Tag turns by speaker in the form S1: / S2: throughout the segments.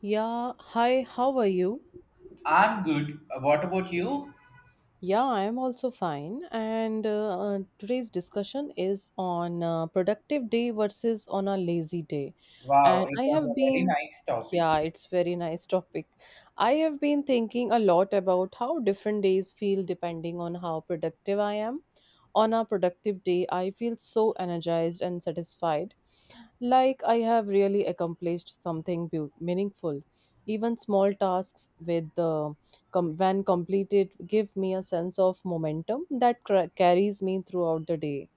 S1: Yeah, hi, how are you?
S2: I'm good. What about you?
S1: Yeah, I am also fine. And today's discussion is on productive day versus on a lazy day.
S2: Wow,
S1: And
S2: it
S1: I
S2: was
S1: have
S2: a very
S1: been,
S2: nice
S1: yeah,
S2: topic.
S1: it's very nice topic. I have been thinking a lot about how different days feel depending on how productive I am. On a productive day, I feel so energized and satisfied, like I have really accomplished something meaningful. Even small tasks with the com- When completed, give me a sense of momentum that carries me throughout the day.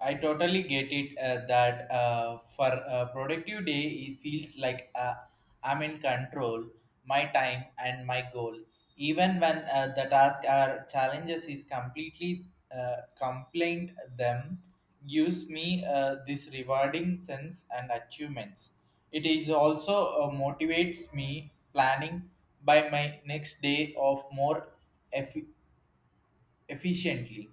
S2: I totally get it that for a productive day, it feels like I'm in control, my time and my goal. Even when the task or challenges is completely complained them, gives me this rewarding sense and achievements. It is also motivates me planning by my next day of more effi- efficiently.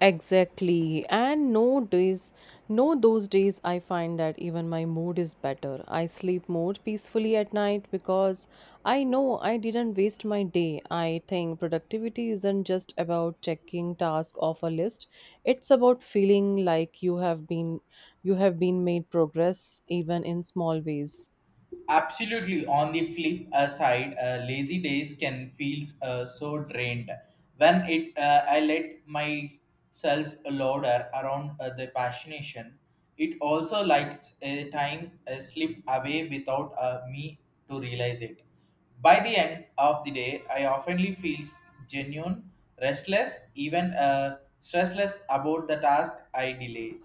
S1: Exactly. And no days, no those days I find that even my mood is better. I sleep more peacefully at night because I know I didn't waste my day. I think productivity isn't just about checking tasks off a list. It's about feeling like you have been made progress even in small ways.
S2: Absolutely. On the flip side, lazy days can feel so drained. When it, I let myself loader around the passionation, it also likes a time slip away without me to realize it. By the end of the day, I oftenly feels genuine, restless, even stressless about the task I delay.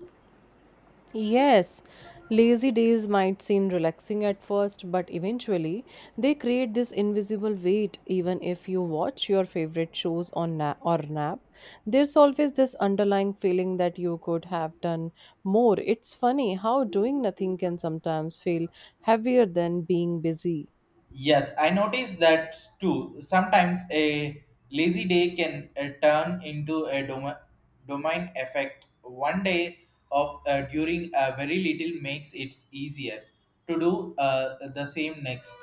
S1: Yes, lazy days might seem relaxing at first, but eventually they create this invisible weight. Even if you watch your favorite shows on na- or nap, there's always this underlying feeling that you could have done more. It's funny how doing nothing can sometimes feel heavier than being busy.
S2: Yes, I noticed that too. Sometimes a lazy day can turn into a domain effect. One day of during a very little makes it easier to do the same next.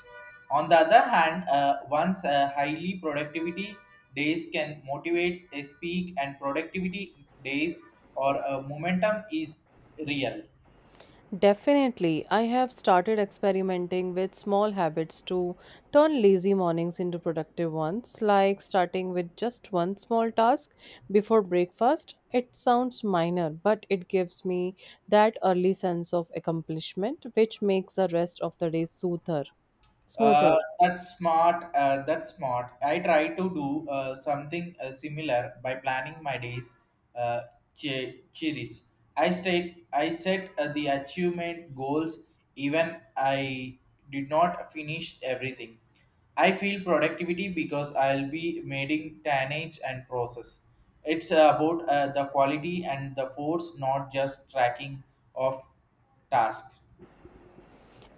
S2: On the other hand, once highly productivity days can motivate a speak and productivity days or momentum is real.
S1: Definitely, I have started experimenting with small habits to turn lazy mornings into productive ones, like starting with just one small task before breakfast. It sounds minor, but it gives me that early sense of accomplishment, which makes the rest of the day smoother.
S2: That's smart. That's smart. I try to do something similar by planning my days. Uh, cheers. I state. I set the achievement goals. Even I did not finish everything. I feel productivity because I'll be making tonnage and process. It's about the quality and the force, not just tracking of task.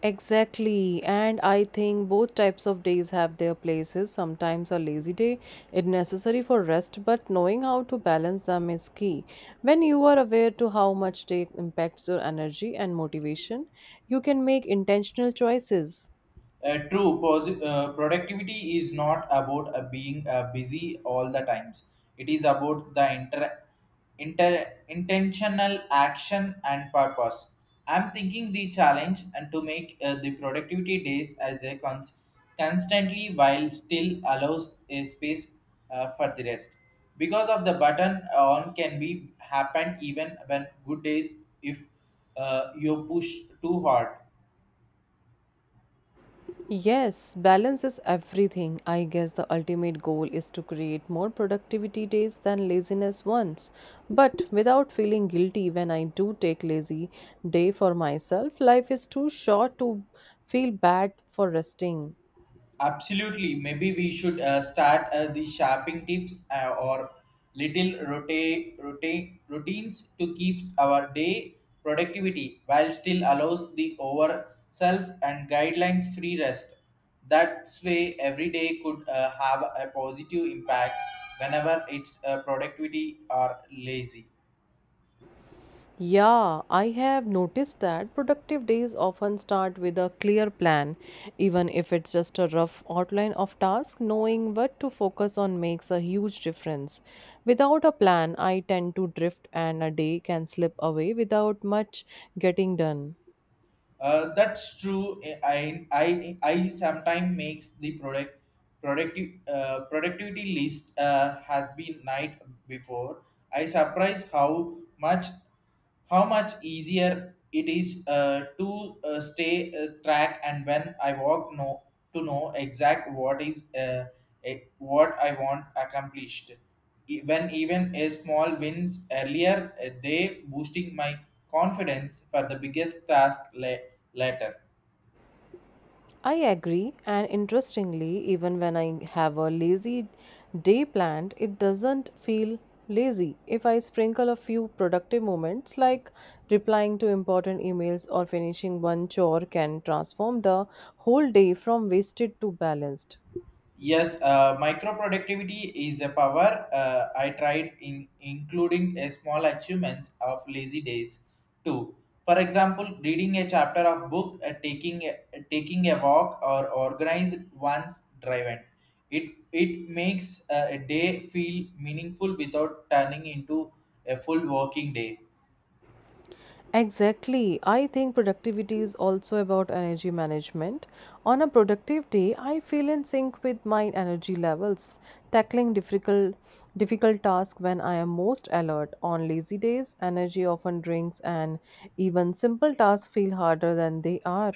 S1: Exactly, and I think both types of days have their places. Sometimes a lazy day is necessary for rest, but knowing how to balance them is key. When you are aware to how much day impacts your energy and motivation, you can make intentional choices.
S2: True, productivity is not about being busy all the times. It is about the intentional action and purpose. I'm thinking the challenge and to make the productivity days as a constantly while still allows a space for the rest. Because of the button on can be happen even when good days if you push too hard.
S1: Yes, balance is everything. I guess the ultimate goal is to create more productivity days than laziness ones, but without feeling guilty when I do take lazy day for myself. Life is too short to feel bad for resting.
S2: Absolutely. Maybe we should start the shopping tips or little routines to keep our day productivity while still allows the over self and guidelines free rest. That way, every day could have a positive impact whenever it's productivity or lazy.
S1: Yeah, I have noticed that productive days often start with a clear plan, even if it's just a rough outline of tasks. Knowing what to focus on makes a huge difference. Without a plan, I tend to drift and a day can slip away without much getting done.
S2: That's true. I sometimes makes the productivity list has been night before. I surprise how much easier it is to stay track and when I walk no to know exact what is what I want accomplished. When even a small wins earlier a day boosting my confidence for the biggest task later.
S1: I agree, and interestingly, even when I have a lazy day planned, it doesn't feel lazy if I sprinkle a few productive moments like replying to important emails or finishing one chore can transform the whole day from wasted to balanced.
S2: Yes, micro productivity is a power. I tried in including a small achievements of lazy days too. For example, reading a chapter of book, taking a walk, or organize one's drive. It makes a day feel meaningful without turning into a full working day.
S1: Exactly. I think productivity is also about energy management. On a productive day, I feel in sync with my energy levels, tackling difficult tasks when I am most alert. On lazy days, energy often drinks and even simple tasks feel harder than they are.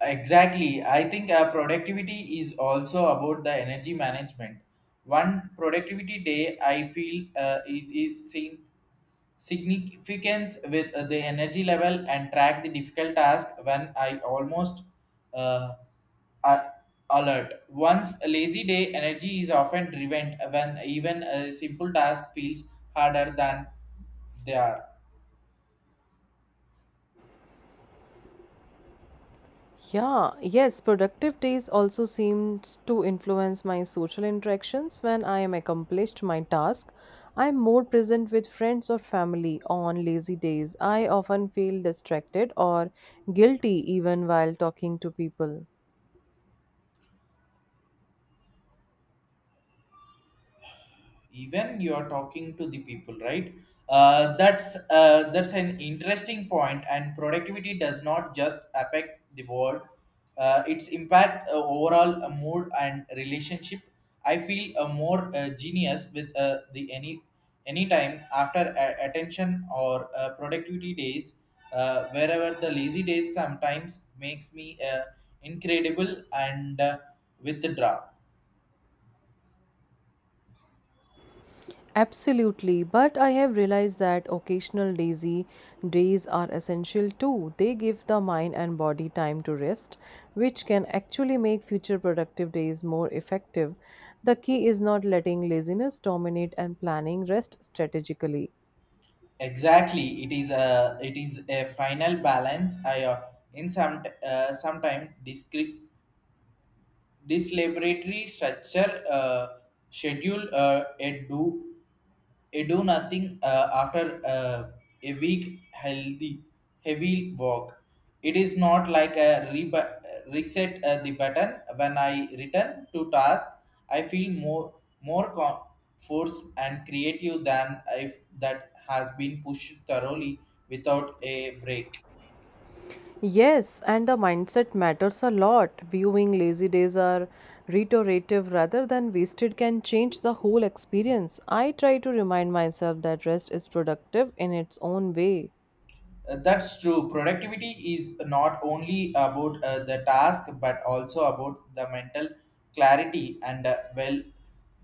S2: Exactly. I think productivity is also about the energy management. One productivity day, I feel, is seen significance with the energy level and track the difficult task when I almost uh, a- alert. Once a lazy day, energy is often driven when even a simple task feels harder than they are.
S1: Yeah, yes, productive days also seems to influence my social interactions. When I am accomplished my task, I am more present with friends or family. On lazy days, I often feel distracted or guilty even while talking to people.
S2: Even you are talking to the people, right. That's an interesting point. And productivity does not just affect the world, its impact, overall mood and relationship. I feel a more genius with the anytime after attention or productivity days, wherever the lazy days sometimes makes me incredible and withdraw.
S1: Absolutely, but I have realized that occasional lazy days are essential too. They give the mind and body time to rest, which can actually make future productive days more effective. The key is not letting laziness dominate and planning rest strategically.
S2: Exactly, it is a final balance. I in some sometime discrete this laboratory structure schedule a do I do nothing after a week healthy heavy walk. It is not like a reset the button. When I return to task, I feel more forced and creative than if that has been pushed thoroughly without a break.
S1: Yes, and the mindset matters a lot. Viewing lazy days are reiterative rather than wasted can change the whole experience. I try to remind myself that rest is productive in its own way.
S2: That's true. Productivity is not only about the task but also about the mental clarity and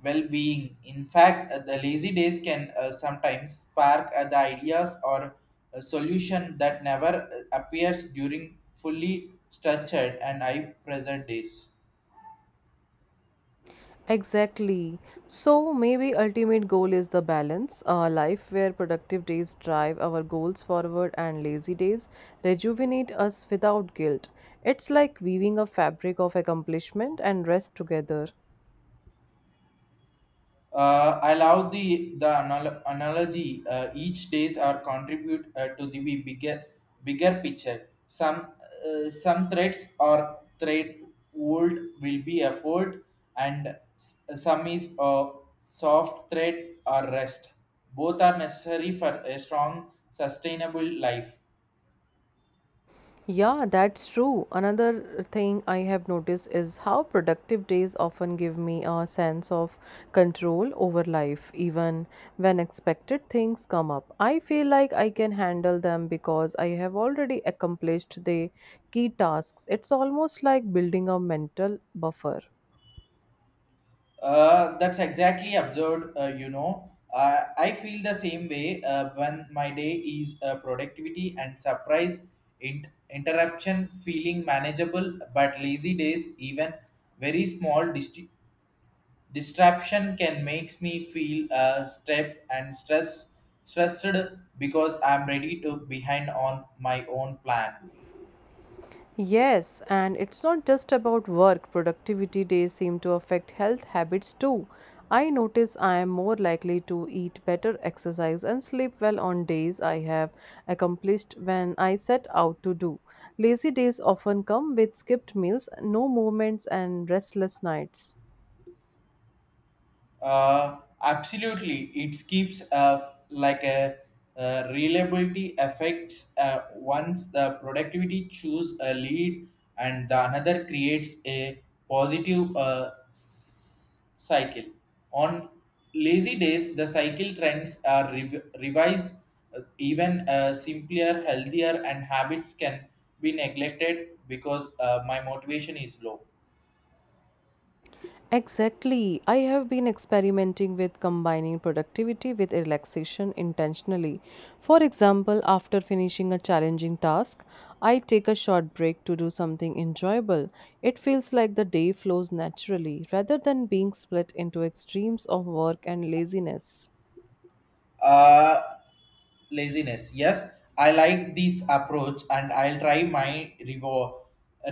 S2: well-being. In fact, the lazy days can sometimes spark the ideas or a solution that never appears during fully structured and high pressure days.
S1: Exactly. So maybe ultimate goal is the balance, a life where productive days drive our goals forward and lazy days rejuvenate us without guilt. It's like weaving a fabric of accomplishment and rest together.
S2: I love the analogy. Each days are contribute to the bigger bigger picture. Some threads or thread would will be effort, and some is a soft thread or rest. Both are necessary for a strong, sustainable life.
S1: Yeah, that's true. Another thing I have noticed is how productive days often give me a sense of control over life, even when expected things come up. I feel like I can handle them because I have already accomplished the key tasks. It's almost like building a mental buffer.
S2: That's exactly absurd. I feel the same way when my day is productivity and surprise interruption feeling manageable, but lazy days, even very small distraction can makes me feel stressed and stressed because I'm ready to behind on my own plan.
S1: Yes, and it's not just about work. Productivity days seem to affect health habits too. I notice I am more likely to eat better, exercise, and sleep well on days I have accomplished when I set out to do. Lazy days often come with skipped meals, no movements, and restless nights.
S2: Absolutely, it keeps like a reliability affects once the productivity choose a lead and the another creates a positive cycle. On lazy days, the cycle trends are revised. Even simpler, healthier, and habits can be neglected because my motivation is low.
S1: Exactly. I have been experimenting with combining productivity with relaxation intentionally. For example, after finishing a challenging task, I take a short break to do something enjoyable. It feels like the day flows naturally rather than being split into extremes of work and laziness.
S2: Uh, Laziness. Yes, I like this approach and I'll try my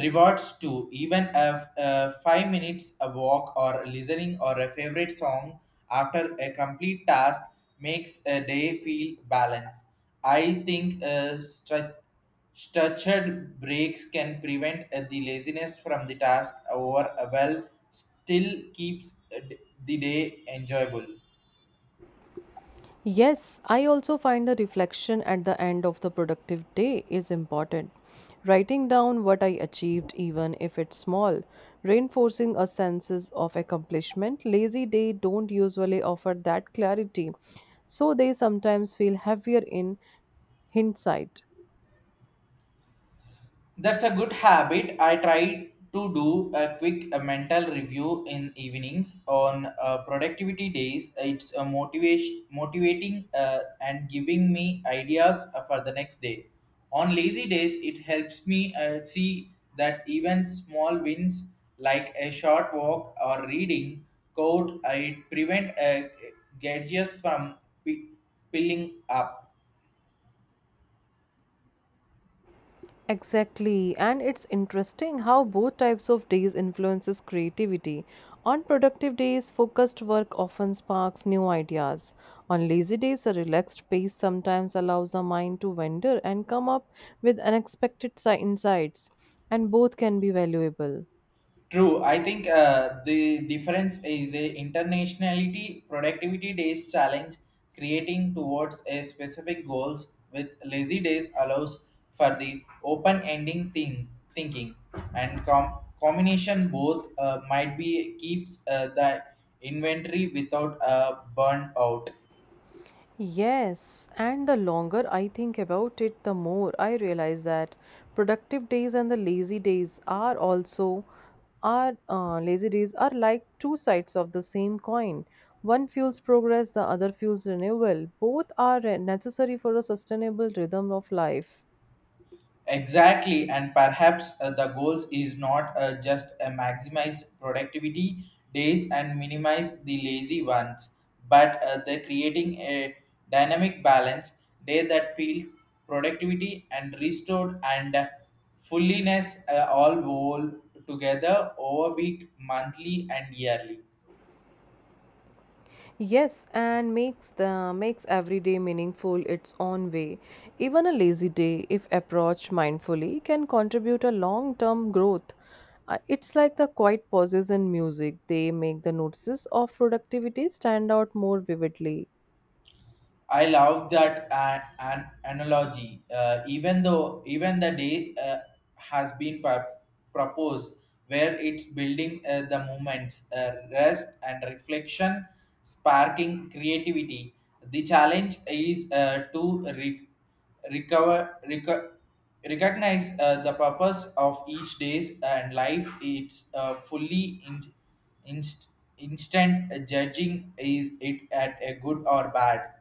S2: rewards too. Even if 5 minutes a walk or listening or a favorite song after a complete task makes a day feel balanced. I think structured breaks can prevent the laziness from the task or well still keeps the day enjoyable.
S1: Yes, I also find the reflection at the end of the productive day is important. Writing down what I achieved, even if it's small, reinforcing a sense of accomplishment. Lazy day don't usually offer that clarity, so they sometimes feel heavier in hindsight.
S2: That's a good habit. I try to do a quick mental review in evenings on productivity days. It's a motivating, and giving me ideas for the next day. On lazy days, it helps me see that even small wins like a short walk or reading code, it prevent gadgets from pi- piling up.
S1: Exactly, and it's interesting how both types of days influences creativity. On productive days, focused work often sparks new ideas. On lazy days, a relaxed pace sometimes allows the mind to wander and come up with unexpected insights, and both can be valuable.
S2: True. I think the difference is the internationality productivity days challenge creating towards a specific goals with lazy days allows for the open ending thing thinking and combination both might be keeps the inventory without a burn out.
S1: Yes, and the longer I think about it, the more I realize that productive days and the lazy days are also are lazy days are like two sides of the same coin. One fuels progress, the other fuels renewal. Necessary for a sustainable rhythm of life.
S2: Exactly, and perhaps the goals is not just maximize productivity days and minimize the lazy ones, but the creating a dynamic balance day that feels productivity and restored and fulliness all whole together over week, monthly, and yearly.
S1: Yes, and makes every day meaningful its own way. Even a lazy day, if approached mindfully, can contribute a long-term growth. It's like the quiet pauses in music; they make the notices of productivity stand out more vividly.
S2: I love that an analogy. Even though even the day has been proposed, where it's building the moments, rest and reflection, sparking creativity. The challenge is to recover, recognize the purpose of each day's and life. It's fully inst, instant judging is it at a good or bad.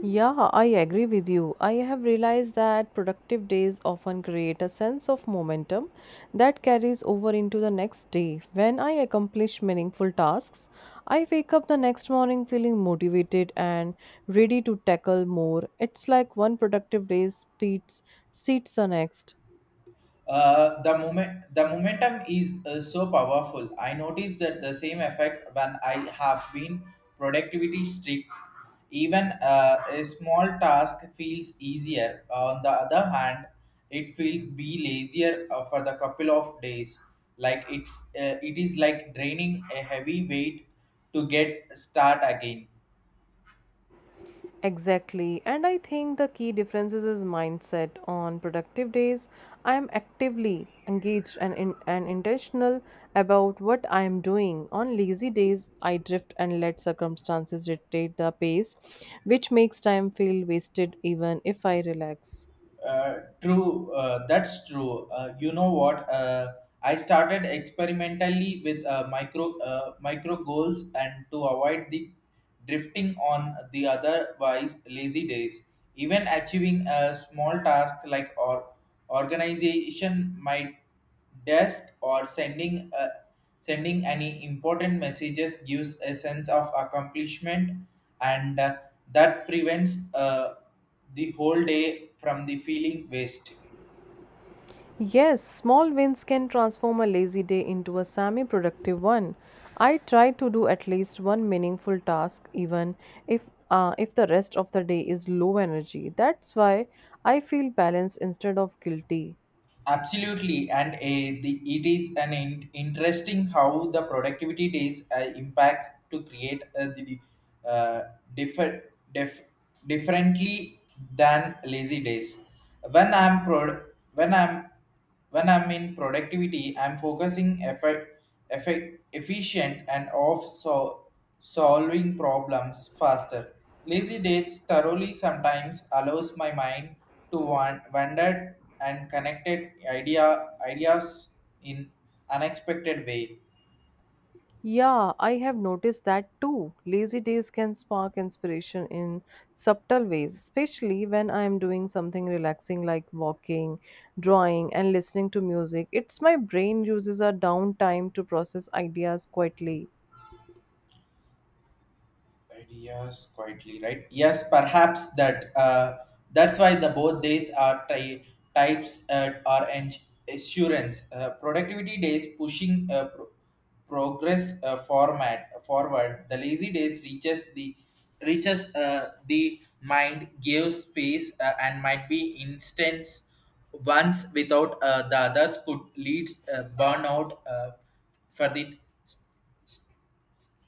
S1: Yeah, I agree with you. I have realized that productive days often create a sense of momentum that carries over into the next day. When I accomplish meaningful tasks, I wake up the next morning feeling motivated and ready to tackle more. It's like one productive day speeds seats the next.
S2: The momentum is so powerful. I notice that the same effect when I have been productivity strict. Even a small task feels easier. On the other hand, it feels be lazier for the couple of days. Like it is like draining a heavy weight to get start again.
S1: Exactly. And I think the key differences is mindset. On productive days, I am actively engaged and intentional about what I am doing. On lazy days, I drift and let circumstances dictate the pace, which makes time feel wasted even if I relax.
S2: True, that's true. You know what? I started experimentally with micro goals and to avoid the drifting on the otherwise lazy days. Even achieving a small task like or organization might desk or sending any important messages gives a sense of accomplishment and that prevents the whole day from the feeling waste.
S1: Yes, small wins can transform a lazy day into a semi productive one. I try to do at least one meaningful task even if the rest of the day is low energy. That's why I feel balanced instead of guilty.
S2: Absolutely and it is an interesting how the productivity days impacts to create uh, differ, def, differently than lazy days when i'm pro, when I'm When I'm in productivity, I'm focusing efficient and off so solving problems faster. Lazy days thoroughly sometimes allows my mind to wander and connected ideas in unexpected way.
S1: Yeah, I have noticed that too. Lazy days can spark inspiration in subtle ways, especially when I am doing something relaxing like walking, drawing, and listening to music. It's my brain uses a downtime to process ideas quietly.
S2: Ideas quietly, right. Yes, perhaps that's why the both days are types are assurance. Productivity days pushing progress format forward the lazy days reaches the mind gives space, and might be instance once without the others could lead burnout for the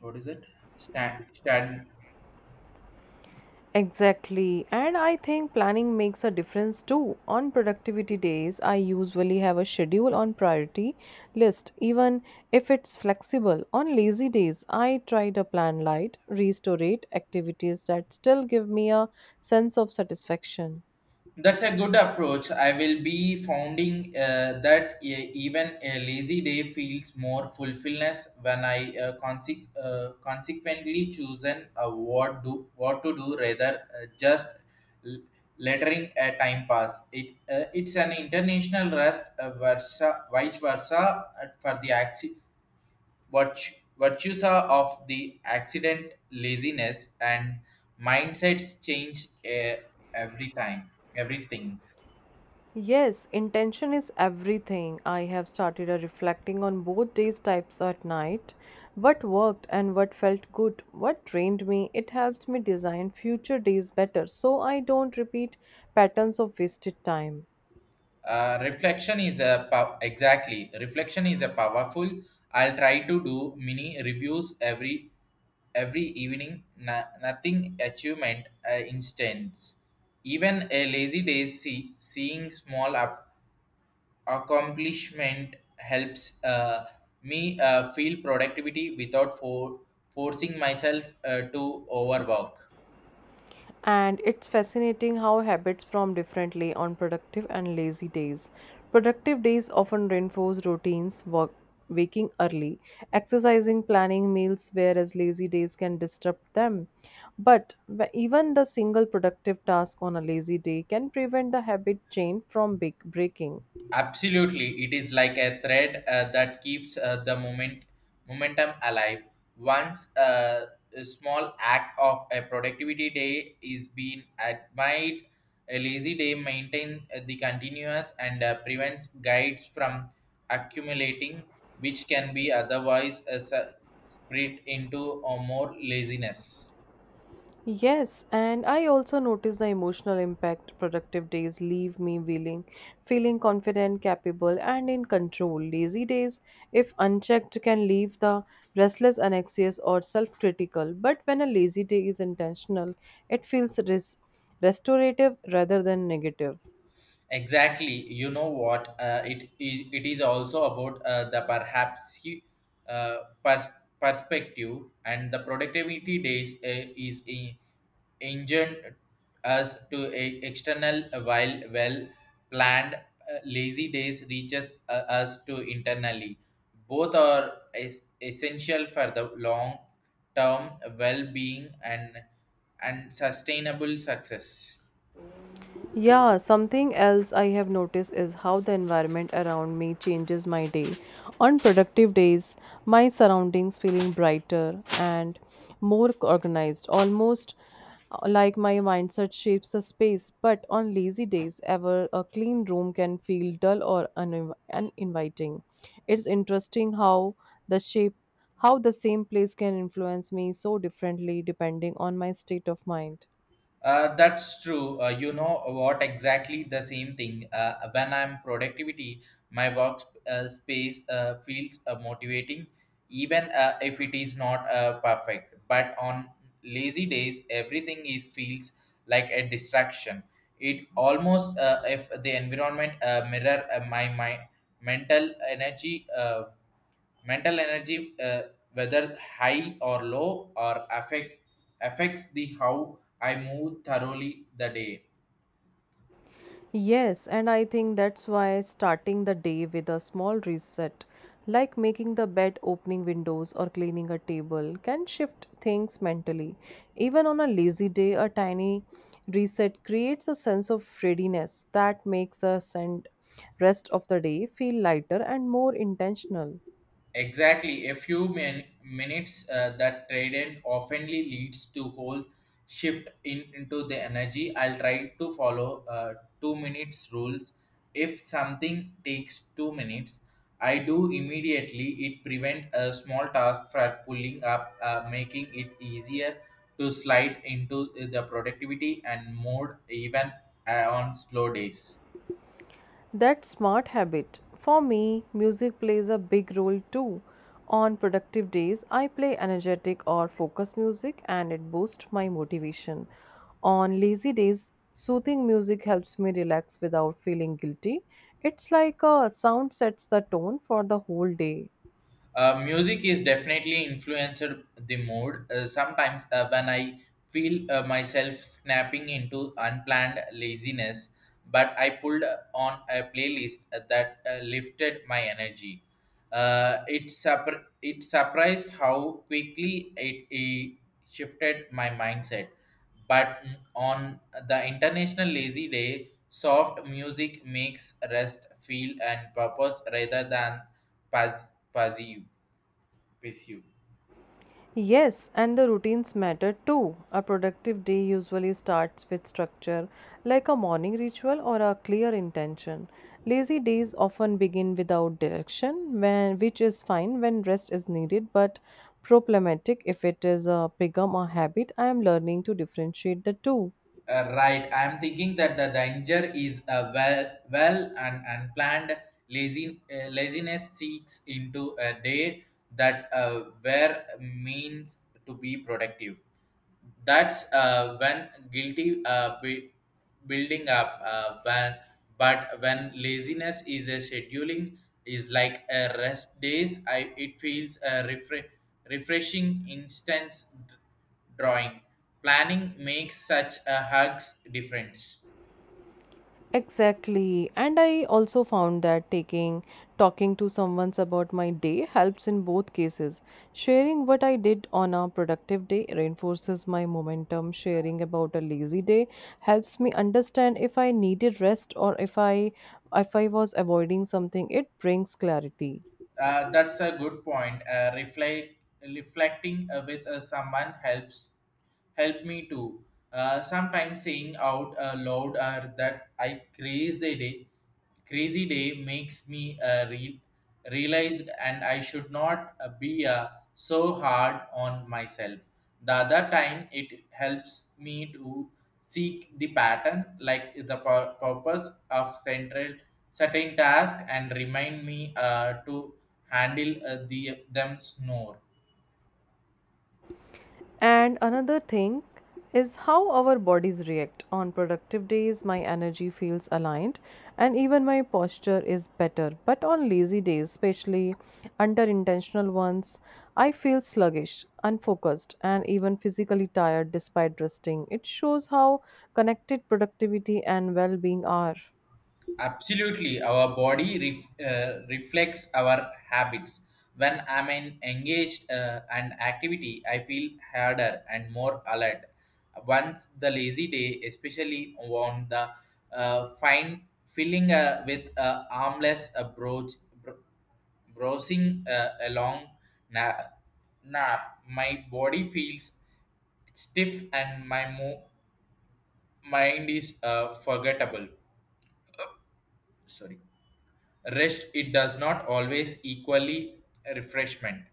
S2: what is it stand.
S1: Exactly. And I think planning makes a difference too. On productivity days, I usually have a schedule on priority list, even if it's flexible. On lazy days, I try to plan light, restorative activities that still give me a sense of satisfaction.
S2: That's a good approach. I will be founding that even a lazy day feels more fulfillment when I consequently chosen what to do rather just l- lettering a time pass. It's an international rest versa vice versa for the axis. Virtues are of the accident, laziness, and mindsets change every time, everything.
S1: Yes, intention is everything. I have started a reflecting on both these types at night. What worked and what felt good, what drained me, it helps me design future days better so I don't repeat patterns of wasted time.
S2: Reflection is a exactly reflection is a powerful. I'll try to do mini reviews every evening. No- Nothing achievement instance. Even a lazy day seeing small up accomplishment helps me feel productivity without forcing myself to overwork.
S1: And it's fascinating how habits form differently on productive and lazy days. Productive days often reinforce routines, work, waking early, exercising, planning meals, whereas lazy days can disrupt them. Even the single productive task on a lazy day can prevent the habit chain from big breaking.
S2: Absolutely, it is like a thread that keeps the momentum alive. Once a small act of a productivity day is being admired, a lazy day maintains the continuous and prevents guides from accumulating, which can be otherwise spread into a more laziness.
S1: Yes, and I also notice the emotional impact productive days leave me feeling confident, capable and in control. Lazy days, if unchecked, can leave the restless, anxious or self-critical. But when a lazy day is intentional, it feels restorative rather than negative.
S2: Exactly. You know what? It is also about the perhaps uh, pers- perspective, and the productivity days engined us to a external, while well planned lazy days reaches us to internally. Both are essential for the long term well being and sustainable success.
S1: Yeah, something else I have noticed is how the environment around me changes my day. On productive days, my surroundings feeling brighter and more organized, almost like my mindset shapes the space. But on lazy days, ever a clean room can feel dull or uninviting. It's interesting how the shape how the same place can influence me so differently depending on my state of mind.
S2: That's true. You know what? Exactly the same thing. When I'm productivity, my work space feels motivating, even if it is not perfect. But on lazy days, everything is feels like a distraction. It almost if the environment mirror my mental energy. Mental energy, whether high or low, or affects the how I move thoroughly the day.
S1: Yes, and I think that's why starting the day with a small reset, like making the bed, opening windows, or cleaning a table, can shift things mentally. Even on a lazy day, a tiny reset creates a sense of readiness that makes the rest of the day feel lighter and more intentional.
S2: Exactly, a few minutes that trade in oftenly leads to whole shift in into the energy. I'll try to follow 2 minutes rules. If something takes 2 minutes, I do immediately. It prevent a small task from pulling up, making it easier to slide into the productivity and mode even on slow days.
S1: That smart habit. For me, music plays a big role too. On productive days, I play energetic or focus music and it boosts my motivation. On lazy days, soothing music helps me relax without feeling guilty. It's like a sound sets the tone for the whole day.
S2: Music is definitely influenced the mood. Sometimes when I feel myself snapping into unplanned laziness, but I pulled on a playlist that lifted my energy. It surprised how quickly it shifted my mindset. But on the International Lazy Day, soft music makes rest feel and purpose rather than paz- passive with you.
S1: Yes, and the routines matter too. A productive day usually starts with structure, like a morning ritual or a clear intention. Lazy days often begin without direction, which is fine when rest is needed, but problematic if it is a become a habit. I am learning to differentiate the two.
S2: Right, I am thinking that the danger is a well and unplanned laziness seeks into a day that where means to be productive. That's when guilty building up when but when laziness is a scheduling is like a rest days, I it feels a refreshing instance drawing planning makes such a hugs difference.
S1: Exactly. And I also found that taking talking to someone about my day helps in both cases. Sharing what I did on a productive day reinforces my momentum. Sharing about a lazy day helps me understand if I needed rest or if I was avoiding something. It brings clarity.
S2: That's a good point. Reflecting with someone help me too. Sometimes saying out loud that crazy day makes me realized, and I should not be so hard on myself. The other time, it helps me to seek the pattern like the purpose of central certain task and remind me to handle the them snore.
S1: And another thing is how our bodies react. On productive days, my energy feels aligned and even my posture is better. But on lazy days, especially under intentional ones, I feel sluggish, unfocused, and even physically tired despite resting. It shows how connected productivity and well being are.
S2: Absolutely, our body reflects our habits. When I'm in engaged and activity, I feel harder and more alert. Once the lazy day, especially on the fine filling with a armless approach browsing along na- nap. My body feels stiff and my mind is forgettable. Sorry. Rest, it does not always equally refreshment.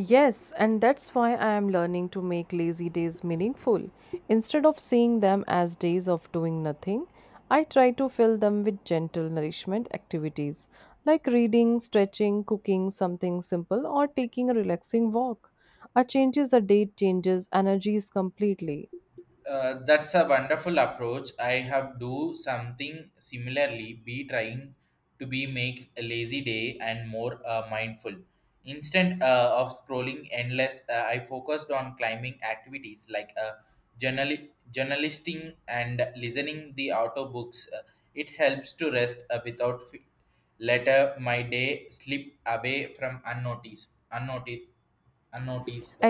S1: Yes, and that's why I am learning to make lazy days meaningful. Instead of seeing them as days of doing nothing, I try to fill them with gentle nourishment activities like reading, stretching, cooking something simple, or taking a relaxing walk. A changes the date changes energies completely.
S2: That's a wonderful approach. I have do something similarly. Be trying to be make a lazy day and more mindful. Instead of scrolling endless, I focused on climbing activities like journal journalisting and listening the audiobooks. It helps to rest without later my day slip away from unnoticed.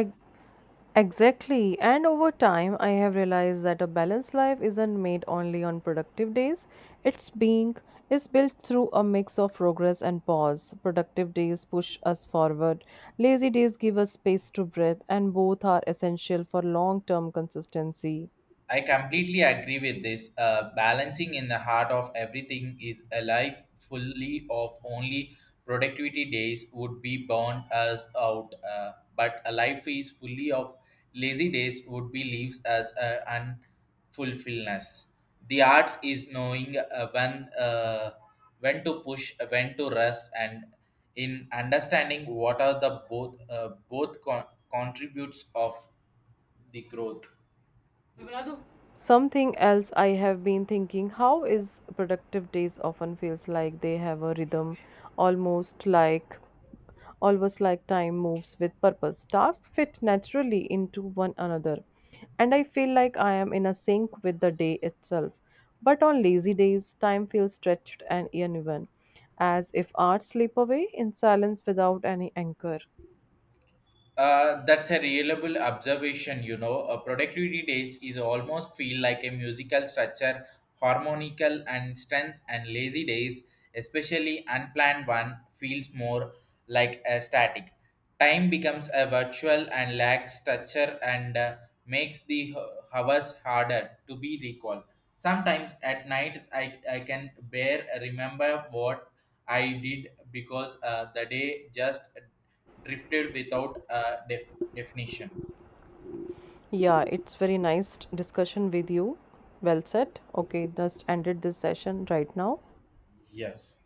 S1: Exactly. And over time, I have realized that a balanced life isn't made only on productive days. It's being is built through a mix of progress and pause. Productive days push us forward. Lazy days give us space to breathe, and both are essential for long-term consistency.
S2: I completely agree with this. Balancing in the heart of everything is a life fully of only productivity days would be burn us out. But a life is fully of lazy days would be leaves us unfulfillness. The arts is knowing when to push, when to rest, and in understanding what are the both contributes of the growth.
S1: Something else I have been thinking how is productive days often feels like they have a rhythm almost like almost like time moves with purpose. Tasks fit naturally into one another, and I feel like I am in a sync with the day itself. But on lazy days, time feels stretched and uneven, as if hours slip away in silence without any anchor.
S2: That's a reliable observation, you know. A productivity days is almost feel like a musical structure, harmonical and strength, and lazy days, especially unplanned one, feels more like a static. Time becomes a virtual and lacks structure and makes the hours harder to be recalled. Sometimes at nights, I can bear remember what I did because the day just drifted without a definition.
S1: Yeah, it's very nice discussion with you. Well said. Okay, just ended this session right now.
S2: Yes.